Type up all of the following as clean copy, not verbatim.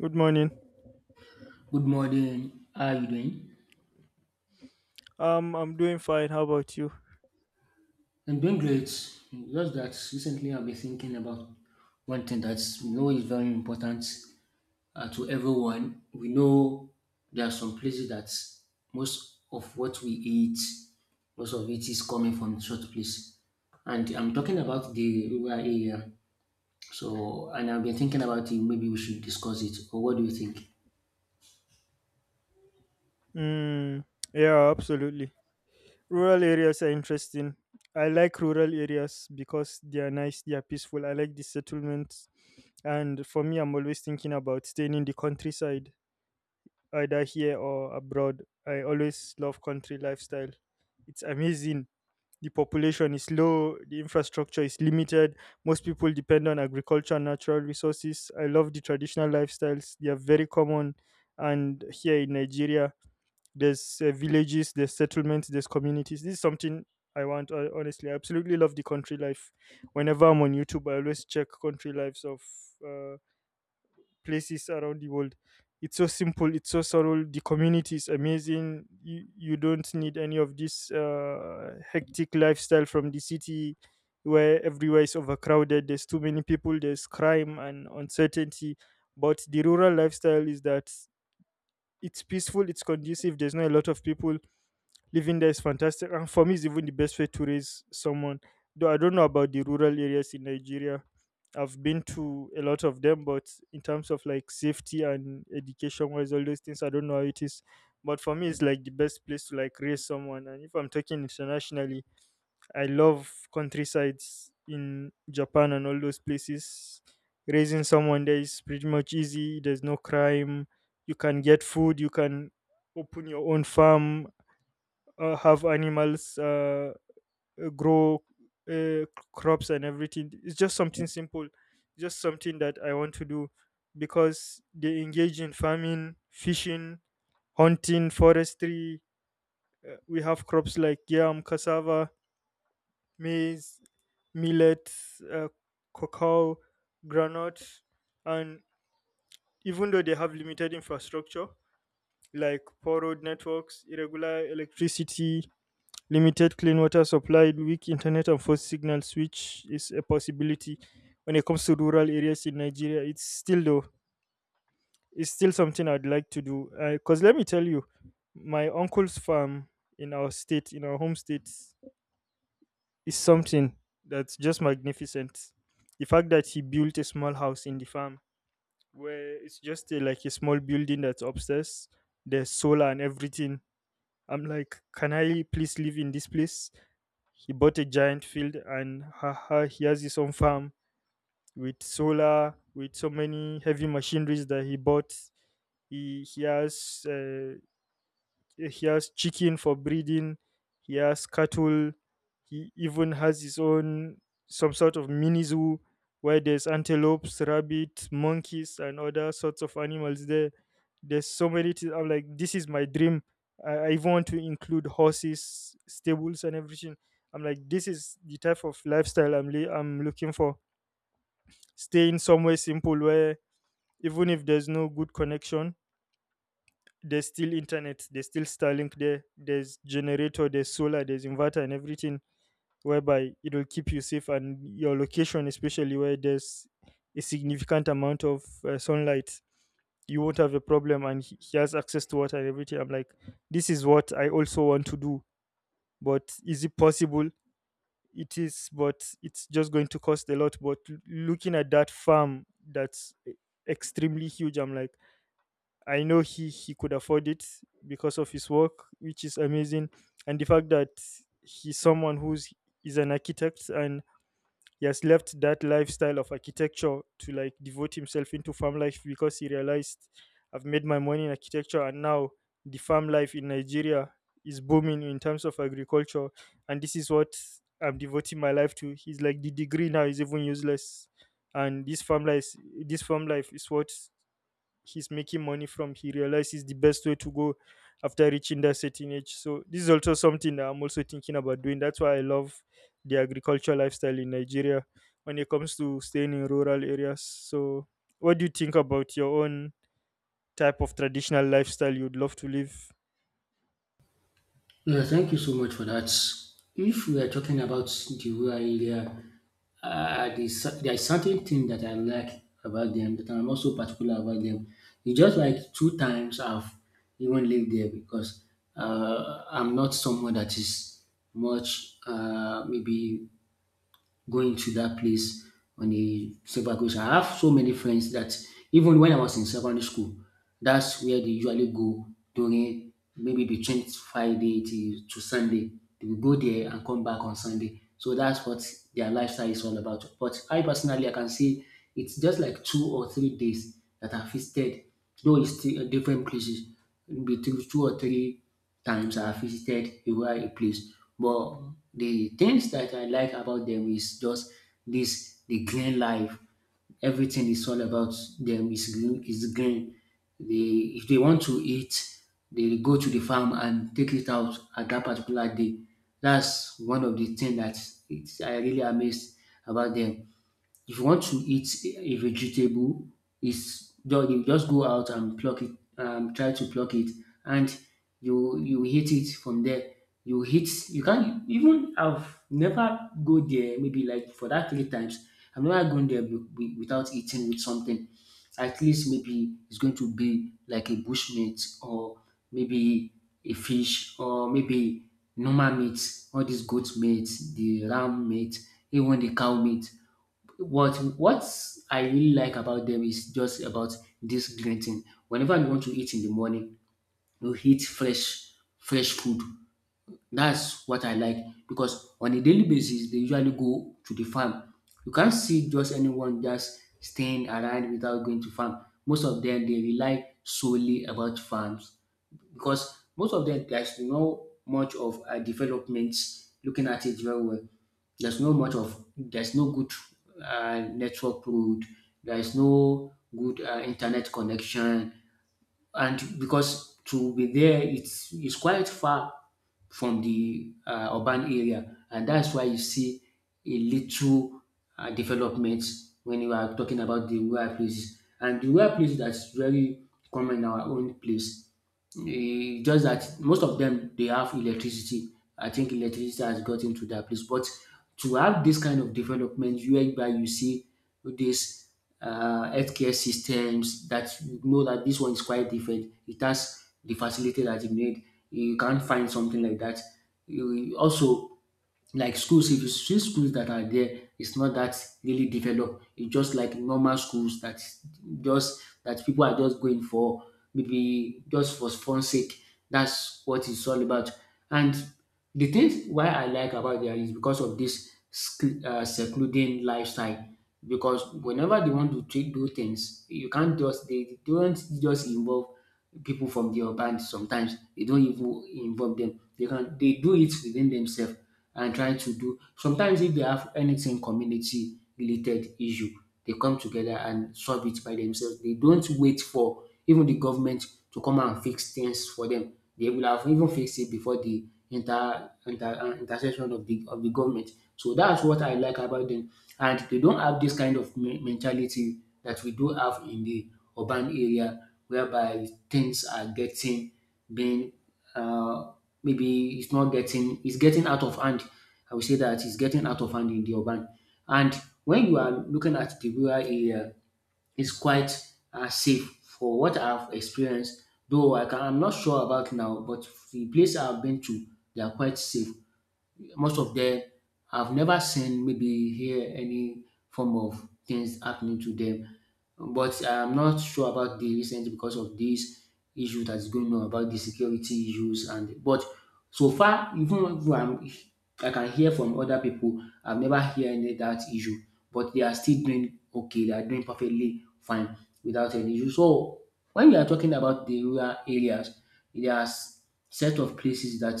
Good morning. Good morning. How are you doing? I'm doing fine. How about you? I'm doing great. Just that recently I've been thinking about one thing that we know is very important to everyone. We know there are some places that most of what we eat, most of it is coming from such place. And I'm talking about the rural area. And I've been thinking about it. Maybe we should discuss it. Or what do you think? Mm, yeah, absolutely. Rural areas are interesting. I like rural areas because they are nice, they are peaceful. I like the settlements. And for me, I'm always thinking about staying in the countryside, either here or abroad. I always love country lifestyle. It's amazing. The population is low, the infrastructure is limited. Most people depend on agriculture and natural resources. I love the traditional lifestyles. They are very common, and here in Nigeria there's villages, there's settlements, there's communities. This is something I want, honestly. I absolutely love the country life. Whenever I'm on YouTube, I always check country lives of uh, places around the world. It's so simple, it's so subtle. The community is amazing. You don't need any of this hectic lifestyle from the city, where everywhere is overcrowded. There's too many people, there's crime and uncertainty. But the rural lifestyle is that it's peaceful, it's conducive, there's not a lot of people. Living there is fantastic, and for me it's even the best way to raise someone, though I don't know about the rural areas in Nigeria. I've been to a lot of them, but in terms of like safety and education wise, all those things I don't know how it is. But for me, it's like the best place to like raise someone, and if I'm talking internationally, I love countrysides in Japan and all those places. Raising someone there is pretty much easy. There's no crime, you can get food, you can open your own farm, have animals, grow uh, crops and everything. It's just something simple, just something that I want to do, because they engage in farming, fishing, hunting, forestry. We have crops like yam, cassava, maize, millet, uh, cocoa, groundnut, and even though they have limited infrastructure, like poor road networks, irregular electricity, limited clean water supply, weak internet and phone signals, which is a possibility when it comes to rural areas in Nigeria. It's still though, it's still something I'd like to do. Because let me tell you, my uncle's farm in our state, in our home state, is something that's just magnificent. The fact that he built a small house in the farm, where it's just a, like a small building that's upstairs, there's solar and everything. I'm like, can I please live in this place? He bought a giant field, and he has his own farm with solar, with so many heavy machineries that he bought. He has, he has chicken for breeding, he has cattle, he even has his own some sort of mini zoo where there's antelopes, rabbits, monkeys and other sorts of animals there. There's so many things. I'm like, this is my dream. I even want to include horses, stables and everything. I'm like, this is the type of lifestyle I'm looking for. Staying somewhere simple where even if there's no good connection, there's still internet, there's still Starlink there, there's generator, there's solar, there's inverter and everything, whereby it'll keep you safe and your location, especially where there's a significant amount of sunlight, you won't have a problem, and he has access to water and everything. I'm like, this is what I also want to do, but is it possible? It is, but it's just going to cost a lot. But looking at that farm that's extremely huge, I'm like, I know he could afford it because of his work, which is amazing, and the fact that he's someone who's is an architect, and he has left that lifestyle of architecture to like devote himself into farm life, because he realized, I've made my money in architecture, and now the farm life in Nigeria is booming in terms of agriculture, and this is what I'm devoting my life to. He's like, the degree now is even useless, and this farm life is what he's making money from. He realizes the best way to go after reaching that certain age. So this is also something that I'm also thinking about doing. That's why I love the agricultural lifestyle in Nigeria when it comes to staying in rural areas. So what do you think about your own type of traditional lifestyle you'd love to live? Yeah, thank you so much for that. If we are talking about the rural area, there's certain thing that I like about them that I'm also particular about them. It's just like two times I've even lived there because I'm not someone that is much maybe going to that place on a several occasions. I have so many friends that even when I was in secondary school, that's where they usually go during maybe between Friday to Sunday. They will go there and come back on Sunday. So that's what their lifestyle is all about. But I personally, I can say it's just like 2 or 3 days that I visited. Though it's still different places, between two or three times I visited a place. But the things that I like about them is just this the green life. Everything is all about them is green is green. They if they want to eat, they go to the farm and take it out at that particular day. That's one of the things that it's, I really amazed about them. If you want to eat a vegetable, it's done. You just go out and pluck it, try to pluck it, and you hit it from there. You hit. You can even. I've never go there. Maybe like for that three times. I've never gone there without eating with something. At least maybe it's going to be like a bush meat or maybe a fish or maybe normal meat, all these goat meat, the ram meat, even the cow meat what I really like about them is just about this greeting. Whenever you want to eat in the morning, you eat fresh food. That's what I like because on a daily basis they usually go to the farm. You can't see just anyone just staying around without going to farm. Most of them they rely solely about farms because most of them there's no much of a development, looking at it very well there's no much of there's no good network road. There is no good internet connection, and because to be there it's quite far from the urban area, and that's why you see a little development when you are talking about the rural places and the rural place that's very common in our own place. Eh, just that most of them they have electricity. I think electricity has got into that place, but to have this kind of development whereby you see this healthcare systems that you know that this one is quite different. It has the facility that you need. You can't find something like that. You also like schools. If you see schools that are there it's not that really developed, it's just like normal schools that just that people are just going for maybe just for fun sake. That's what it's all about. And the things why I like about there is because of this secluding lifestyle, because whenever they want to treat, do things you can't just they don't just involve people from the urban. Sometimes they don't even involve them, they can they do it within themselves and trying to do sometimes if they have anything community related issue, they come together and solve it by themselves. They don't wait for even the government to come and fix things for them. They will have even fixed it before the intercession of the government. So that's what I like about them. And they don't have this kind of mentality that we do have in the urban area whereby things are getting being uh, maybe it's not getting it's getting out of hand. I would say that it's getting out of hand in the urban. And when you are looking at the rural area, it's quite safe for what I've experienced. Though I can, I'm not sure about now, but the place I've been to, they are quite safe. Most of them have never seen maybe hear any form of things happening to them. But I'm not sure about the recent because of this issue that is going on about the security issues. And but so far, even though I'm, I can hear from other people, I've never heard any that issue. But they are still doing okay, they are doing perfectly fine without any issue. So when we are talking about the rural areas, there are set of places that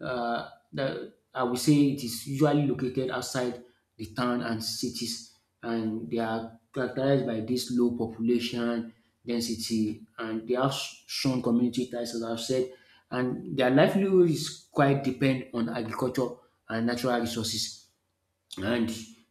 that I would say it is usually located outside the town and cities, and they are characterized by this low population density, and they have strong community ties, as I've said, and their livelihood is quite depend on agriculture and natural resources. And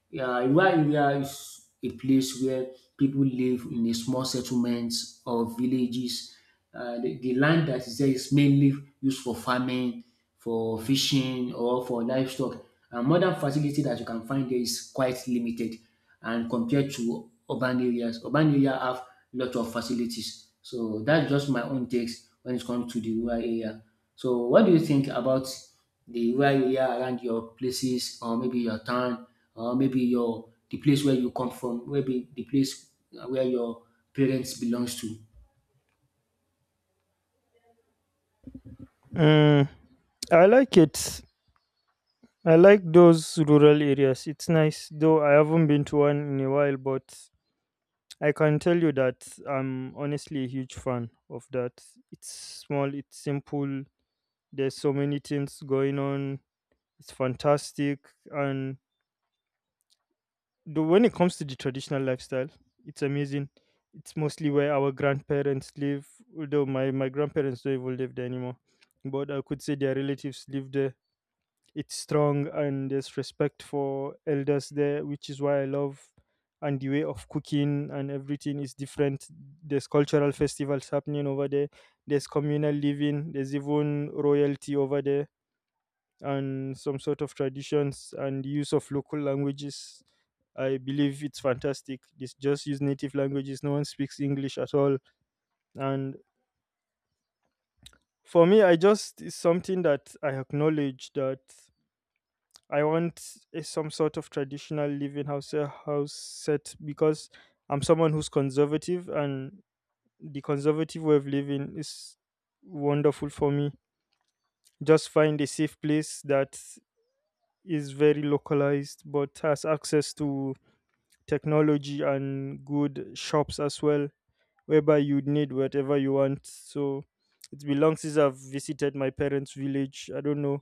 yeah, rural area is a place where people live in a small settlements or villages. The land that is there is mainly used for farming, for fishing, or for livestock. And modern facility that you can find there is quite limited, and compared to urban areas, urban area have lot of facilities. So that's just my own takes when it comes to the rural area. So what do you think about the rural area around your places or maybe your town or maybe your the place where you come from, maybe the place where your parents belongs to. Mm, I like it. I like those rural areas. It's nice, though I haven't been to one in a while, but I can tell you that I'm honestly a huge fan of that. It's small, it's simple. There's so many things going on. It's fantastic, and the, when it comes to the traditional lifestyle, it's amazing. It's mostly where our grandparents live, although my grandparents don't even live there anymore. But I could say their relatives live there. It's strong, and there's respect for elders there, which is why I love. And the way of cooking and everything is different. There's cultural festivals happening over there, there's communal living, there's even royalty over there, and some sort of traditions and the use of local languages. I believe it's fantastic. It's just use native languages, no one speaks English at all. And for me, I just, it's something that I acknowledge, that I want a, some sort of traditional living house, house set, because I'm someone who's conservative, and the conservative way of living is wonderful for me. Just find a safe place that is very localized, but has access to technology and good shops as well, whereby you need whatever you want. So it's been long since I've visited my parents' village. I don't know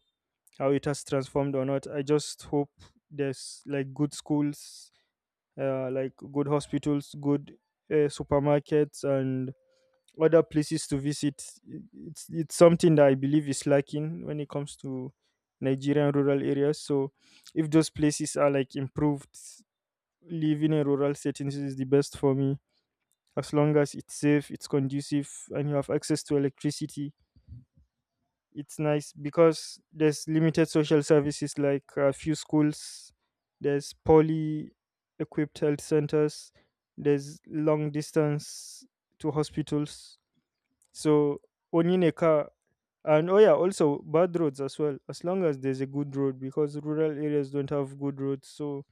how it has transformed or not. I just hope there's like good schools, like good hospitals, good supermarkets, and other places to visit. It's something that I believe is lacking when it comes to Nigerian rural areas. So if those places are like improved, living in rural settings is the best for me. As long as it's safe, it's conducive, and you have access to electricity, it's nice because there's limited social services, like a few schools, there's poly equipped health centers, there's long distance to hospitals. So owning a car, and oh yeah, also bad roads as well. As long as there's a good road, because rural areas don't have good roads. So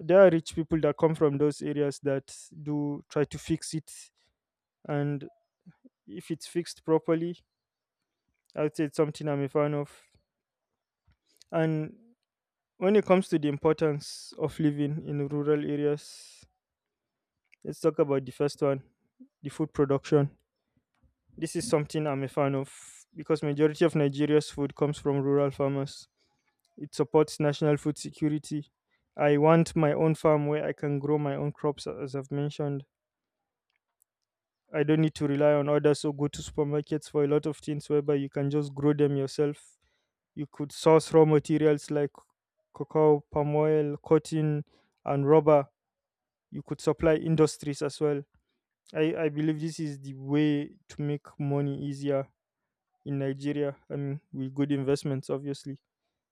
there are rich people that come from those areas that do try to fix it, and if it's fixed properly, I'd say it's something I'm a fan of. And when it comes to the importance of living in rural areas, let's talk about the first one, the food production. This is something I'm a fan of, because majority of Nigeria's food comes from rural farmers. It supports national food security. I want my own farm where I can grow my own crops, as I've mentioned. I don't need to rely on others or go to supermarkets for a lot of things, whereby you can just grow them yourself. You could source raw materials like cocoa, palm oil, cotton and rubber. You could supply industries as well. I believe this is the way to make money easier in Nigeria, I mean with good investments obviously.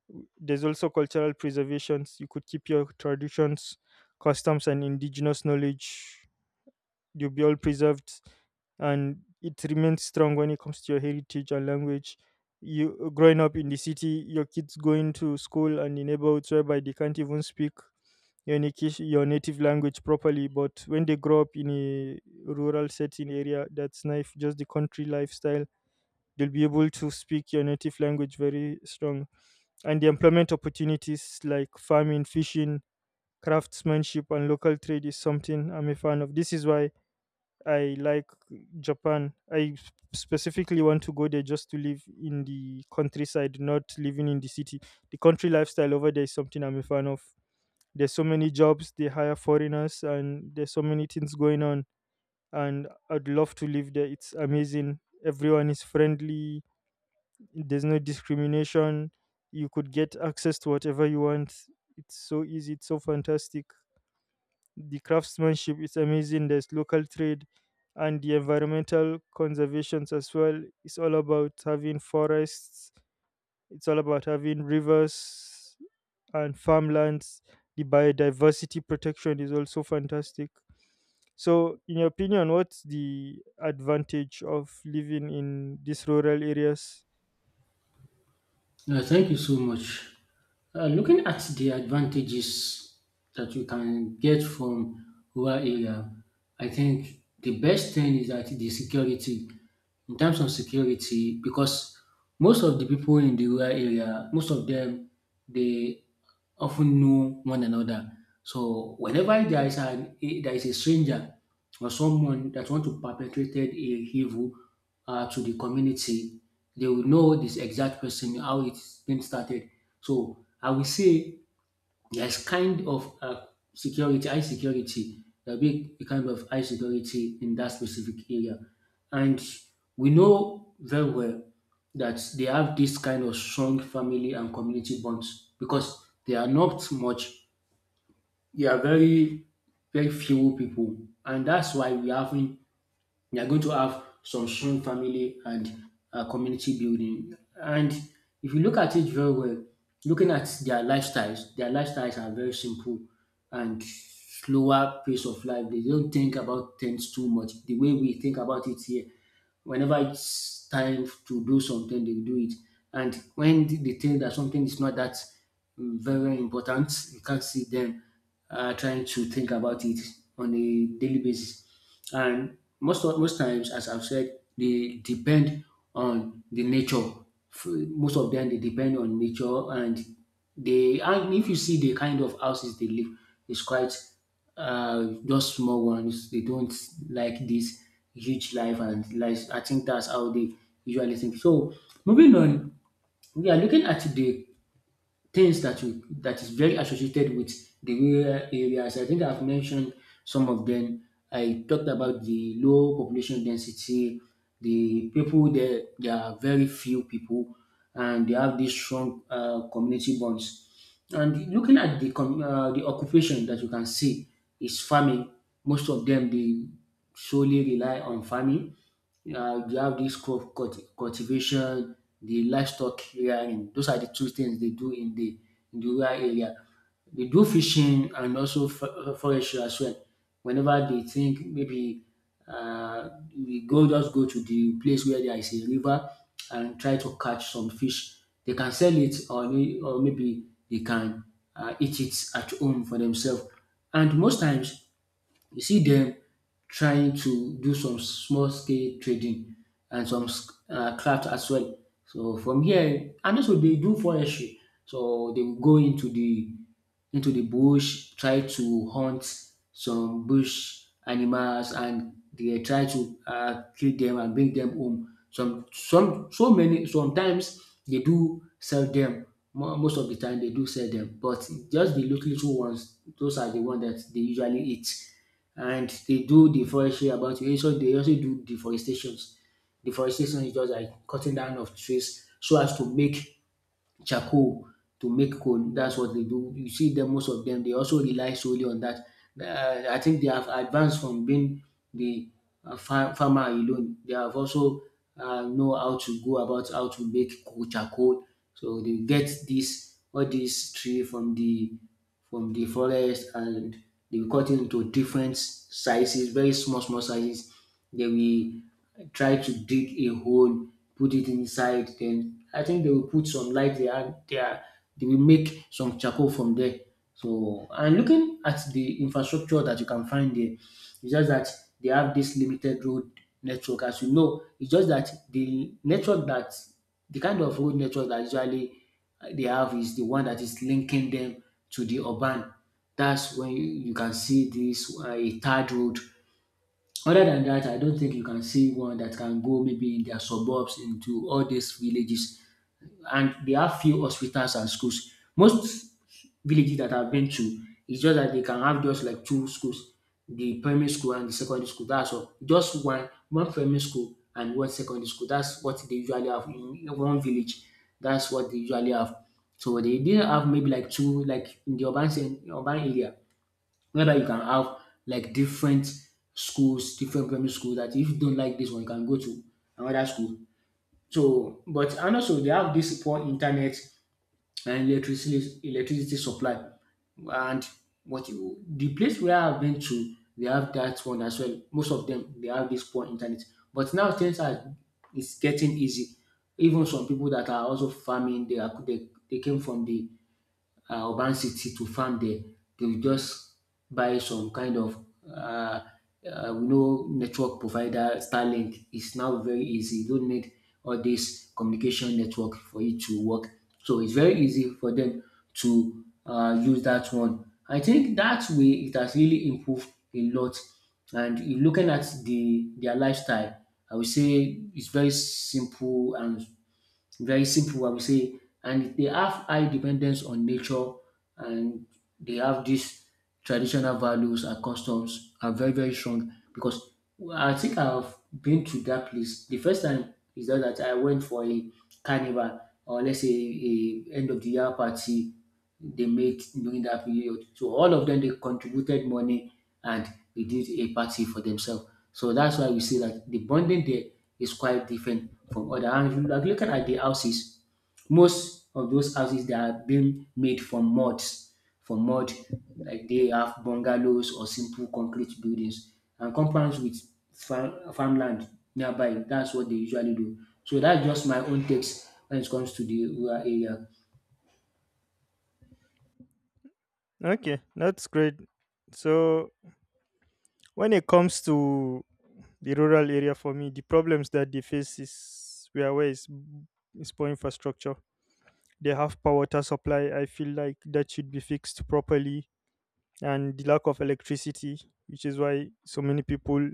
There's also cultural preservations. You could keep your traditions, customs and indigenous knowledge. You'll be all preserved, and it remains strong when it comes to your heritage and language. You growing up in the city, your kids going to school and in neighborhoods whereby they can't even speak your native language properly. But when they grow up in a rural setting area, that's nice, just the country lifestyle, they'll be able to speak your native language very strong. And the employment opportunities like farming, fishing, craftsmanship, and local trade is something I'm a fan of. This is why I like Japan. Specifically want to go there just to live in the countryside, not living in the city. The country lifestyle over there is something I'm a fan of. There's so many jobs, they hire foreigners, and there's so many things going on. And I'd love to live there. It's amazing. Everyone is friendly, there's no discrimination. You could get access to whatever you want. It's so easy, it's so fantastic. The craftsmanship is amazing. There's local trade, and the environmental conservations as well. It's all about having forests. It's all about having rivers and farmlands. The biodiversity protection is also fantastic. So, in your opinion, what's the advantage of living in these rural areas? Yeah, thank you so much. Looking at the advantages that you can get from rural area, I think the best thing is that the security, in terms of security, because most of the people in the rural area, most of them, they often know one another. So whenever there is a stranger or someone that want to perpetrate a evil to the community, they will know this exact person, how it's been started. So I will say there's kind of security, high security, there'll be a kind of high security in that specific area. And we know very well that they have this kind of strong family and community bonds because they are not much, they are very, very few people. And that's why we haven't they are going to have some strong family and community building. And if you look at it very well, looking at their lifestyles are very simple and slower pace of life. They don't think about things too much. The way we think about it here, whenever it's time to do something, they do it. And when they think that something is not that very important, you can't see them trying to think about it on a daily basis. And most of, most times, as I've said, they depend on the nature. Most of them they depend on nature, and they and if you see the kind of houses they live, it's quite just small ones. They don't like this huge life and life. I think that's how they usually think. So moving on, we are looking at the things that we that is very associated with the rural areas. I think I've mentioned some of them. I talked about the low population density, the people there there are very few people, and they have these strong community bonds. And looking at the the occupation that you can see is farming. Most of them they solely rely on farming. You have this crop cultivation, the livestock rearing. Those are the two things they do in the rural area. They do fishing and also forestry as well. Whenever they think maybe uh, we go just go to the place where there is a river and try to catch some fish. They can sell it, or or maybe they can eat it at home for themselves. And most times you see them trying to do some small scale trading and some craft as well. So from here, and also dey do forestry, so they will go into the bush try to hunt some bush animals and they try to kill them and bring them home. Some So many sometimes they do sell dem, most of the time they do sell them, but just the little ones those are the one that they usually eat, and they do deforestry about it. So they also do deforestations. Deforestation is just like cutting down of trees so as to make charcoal to make coal. That's what they do. You see them, most of them, they also rely solely on that. I think they have advanced from being the farmer alone. They have also know how to go about how to make coal charcoal. So they get this all these tree from the forest and they cut it into different sizes, very small small sizes. They will try to dig a hole, put it inside. Then I think they will put some light there. And They are they will make some charcoal from there. So and looking at the infrastructure that you can find there, it's just that they have this limited road network. As you know, it's just that the network that the kind of road network that usually they have is the one that is linking them to the urban. That's when you can see this a third road, other than that, I don't think you can see one that can go maybe in their suburbs into all these villages. And they have few hospitals and schools. Most villages that I've been to, it's just that they can have just like two schools, the primary school and the secondary school. That's all. Just one primary school and one secondary school. That's what they usually have in one village. That's what they usually have. So they didn't have maybe like two like in the urban area whether you can have like different schools, different primary school that if you don't like this one, you can go to another school. So, but and also they have this poor internet and electricity supply. And the place where I've been to, they have that one as well. Most of them they have this poor internet. But now things are it's getting easy. Even some people that are also farming, they came from the urban city to farm there, they will just buy some kind of we know network provider Starlink is now very easy. You don't need all this communication network for it to work. So it's very easy for them to use that one. I think that way it has really improved a lot. And in looking at the their lifestyle, I would say it's very simple and very simple I will say and they have high dependence on nature and they have this traditional values and customs are very very strong because I think I've been to that place. The first time is that I went for a carnival or let's say a end of the year party they made during that period. So all of them they contributed money and they did a party for themselves. So that's why we see that the bonding there is quite different from other. And if you like looking at the houses, most of those houses that are being made from muds, from mud, like they have bungalows or simple concrete buildings and compounds with farmland nearby. That's what they usually do. So that's just my own takes when it comes to the rural area. Okay, that's great. So, when it comes to the rural area, for me, the problems that they face is poor infrastructure. They have poor water supply. I feel like that should be fixed properly, and the lack of electricity, which is why so many people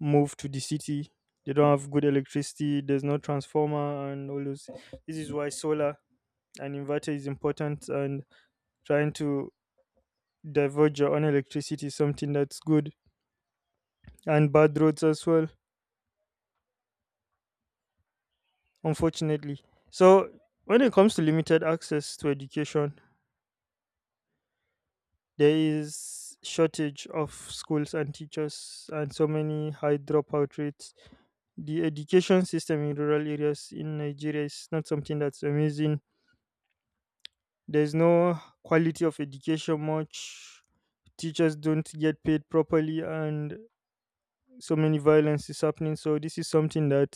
move to the city. They don't have good electricity, there's no transformer and all those. This is why solar and inverter is important, and trying to diverge your own electricity is something that's good. And bad roads as well, unfortunately. So when it comes to limited access to education, there is shortage of schools and teachers and so many high dropout rates. The education system in rural areas in Nigeria is not something that's amazing. There's no quality of education much. Teachers don't get paid properly and so many violence is happening. So this is something that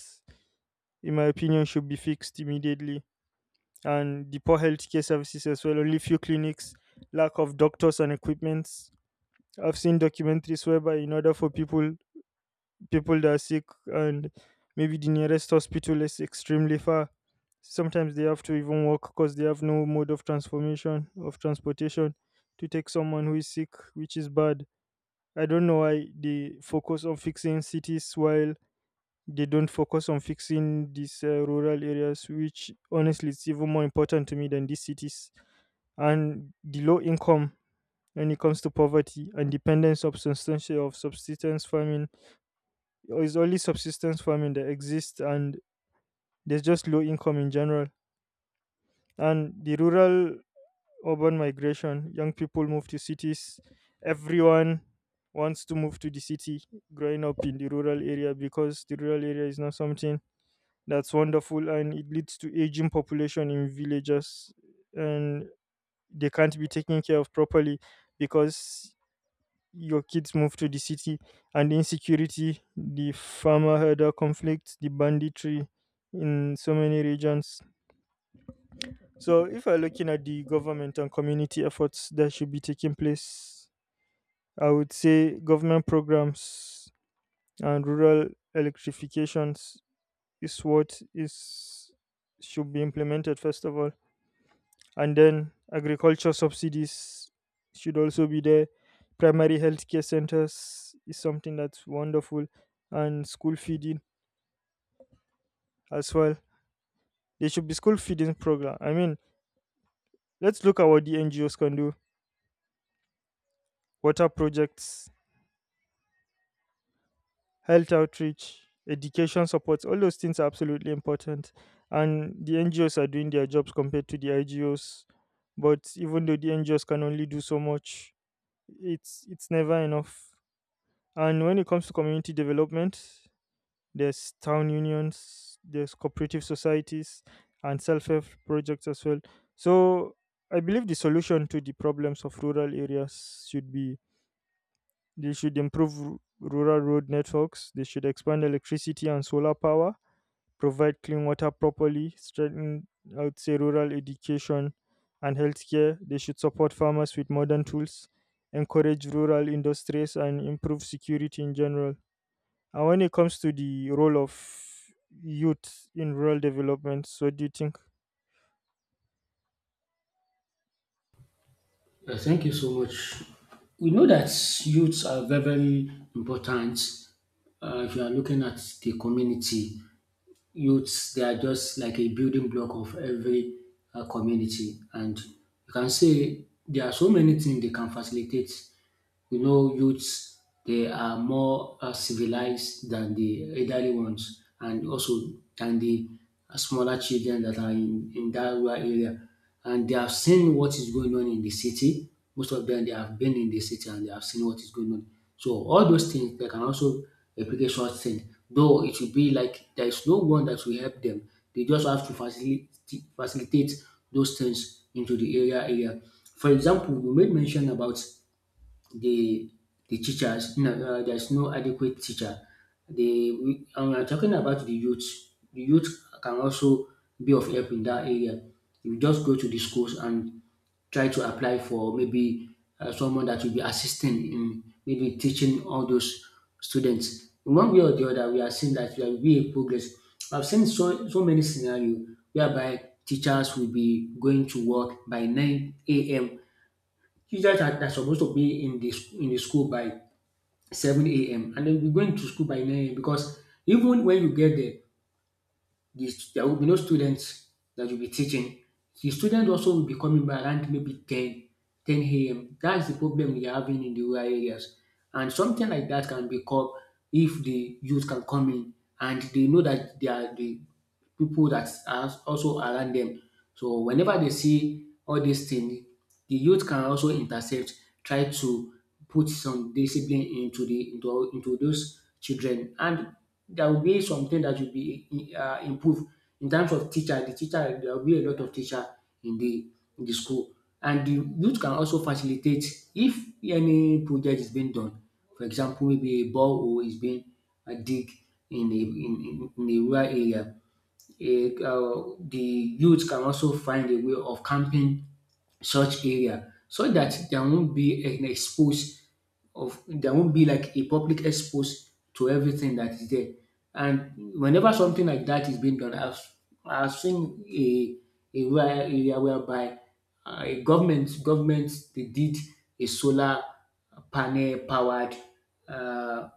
in my opinion should be fixed immediately. And the poor healthcare services as well. Only few clinics, lack of doctors and equipments. I've seen documentaries whereby in order for people that are sick and maybe the nearest hospital is extremely far. Sometimes they have to even walk because they have no mode of transformation of transportation to take someone who is sick, which is bad. I don't know why they focus on fixing cities while they don't focus on fixing these rural areas, which honestly it's even more important to me than these cities. And the low income, when it comes to poverty and dependence of substance of subsistence farming. It's only subsistence farming that exists, and there's just low income in general. And the rural urban migration, young people move to cities. Everyone wants to move to the city growing up in the rural area, because the rural area is not something that's wonderful, and it leads to aging population in villages, and they can't be taken care of properly because your kids move to the city. And the insecurity, the farmer herder conflict, the banditry in so many regions. So, if we're looking at the government and community efforts that should be taking place, I would say government programs and rural electrifications is what is should be implemented first of all, and then agriculture subsidies should also be there. Primary healthcare centers is something that's wonderful, and school feeding as well. There should be school feeding program. I mean, let's look at what the NGOs can do. Water projects, health outreach, education supports, all those things are absolutely important. And the NGOs are doing their jobs compared to the IGOs, but even though the NGOs can only do so much, it's never enough. And when it comes to community development, there's town unions, there's cooperative societies, and self help projects as well. So I believe the solution to the problems of rural areas should be, they should improve rural road networks, they should expand electricity and solar power, provide clean water properly, strengthen, I would say, rural education and healthcare. They should support farmers with modern tools, encourage rural industries, and improve security in general. And when it comes to the role of youth in rural development, so what do you think? Thank you so much. We know that youths are very, very important. If you are looking at the community, youths they are just like a building block of every community, and you can say there are so many things they can facilitate. You know, youths they are more civilized than the elderly ones, and also than the smaller children that are in that rural area. And they have seen what is going on in the city. Most of them they have been in the city and they have seen what is going on. So all those things they can also replicate such things. Though it will be like there is no one that will help them. They just have to facilitate those things into the area. For example, you made mention about the the teachers. No, there's no adequate teacher. The we and We are talking about the youth. The youth can also be of help in that area. You just go to the schools and try to apply for maybe someone that will be assisting in maybe teaching all those students. In one way or the other, we are seeing that there will be a progress. I've seen so many scenarios whereby teachers will be going to work by 9 a.m. Teachers are supposed to be in the in the school by 7 a.m. and they'll be going to school by 9 a.m. because even when you get there, there will be no students that you'll be teaching. The students also will be coming by around maybe ten a.m. That's the problem we are having in the rural areas. And something like that can be called if the youth can come in and they know that they are the people that are also around them, so whenever they see all these things, the youth can also intercept, try to put some discipline into those children, and there will be something that will be improved in terms of teacher. The teacher there will be a lot of teacher in the in the school, and the youth can also facilitate if any project is being done. For example, maybe a borehole is being dig in a in a rural area, the youth can also find a way of camping such area so that there won't be an expose of there won't be like a public expose to everything that is there. And whenever something like that is being done, I've seen a rural area whereby a government they did a solar panel powered uh,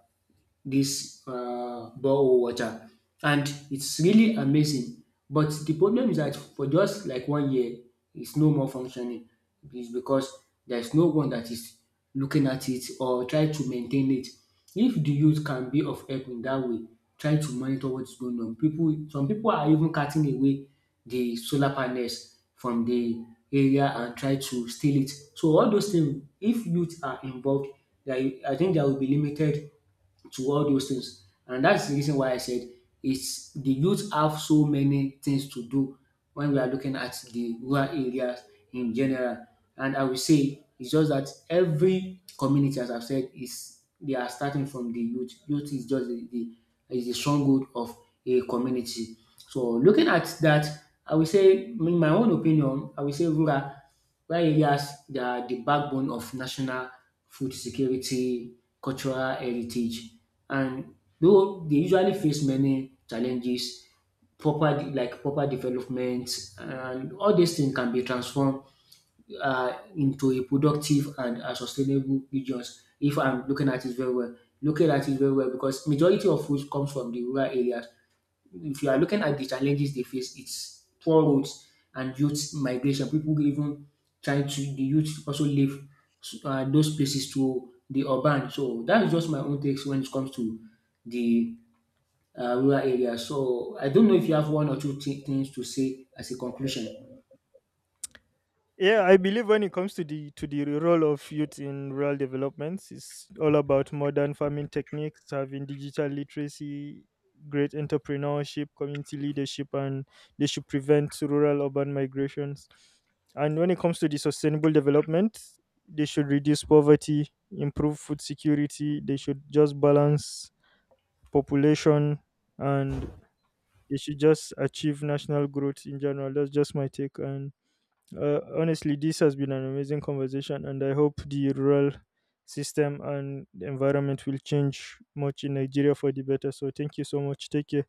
this borehole water, and it's really amazing. But the problem is that for just like 1 year, it's no more functioning. It's because there's no one that is looking at it or try to maintain it. If the youth can be of help in that way, try to monitor what's going on. People, some people are even cutting away the solar panels from the area and try to steal it. So all those things, if youth are involved, there, I think there will be limited to all those things. And that's the reason why I said it's the youth have so many things to do when we are looking at the rural areas in general. And I will say it's just that every community, as I've said, is they are starting from the youth. Youth is just the stronghold of a community. So looking at that, I will say in my own opinion, I will say rural areas they are the backbone of national food security, cultural heritage and though they usually face many challenges proper like proper development and all these things can be transformed into a productive and sustainable regions if I'm looking at it very well. Looking at it very well because majority of food comes from the rural areas. If you are looking at the challenges they face, it's poor roads and youth migration. People even trying to the youth also leave those places to the urban. So that is just my own takes when it comes to the rural area. So I don't know if you have one or two things to say as a conclusion. Yeah, I believe when it comes to the role of youth in rural developments, it's all about modern farming techniques, having digital literacy, great entrepreneurship, community leadership, and they should prevent rural urban migrations. And when it comes to the sustainable development, they should reduce poverty, improve food security. They should just balance population and it should just achieve national growth in general. That's just my take. And honestly, this has been an amazing conversation, and I hope the rural system and the environment will change much in Nigeria for the better. So thank you so much. Take care.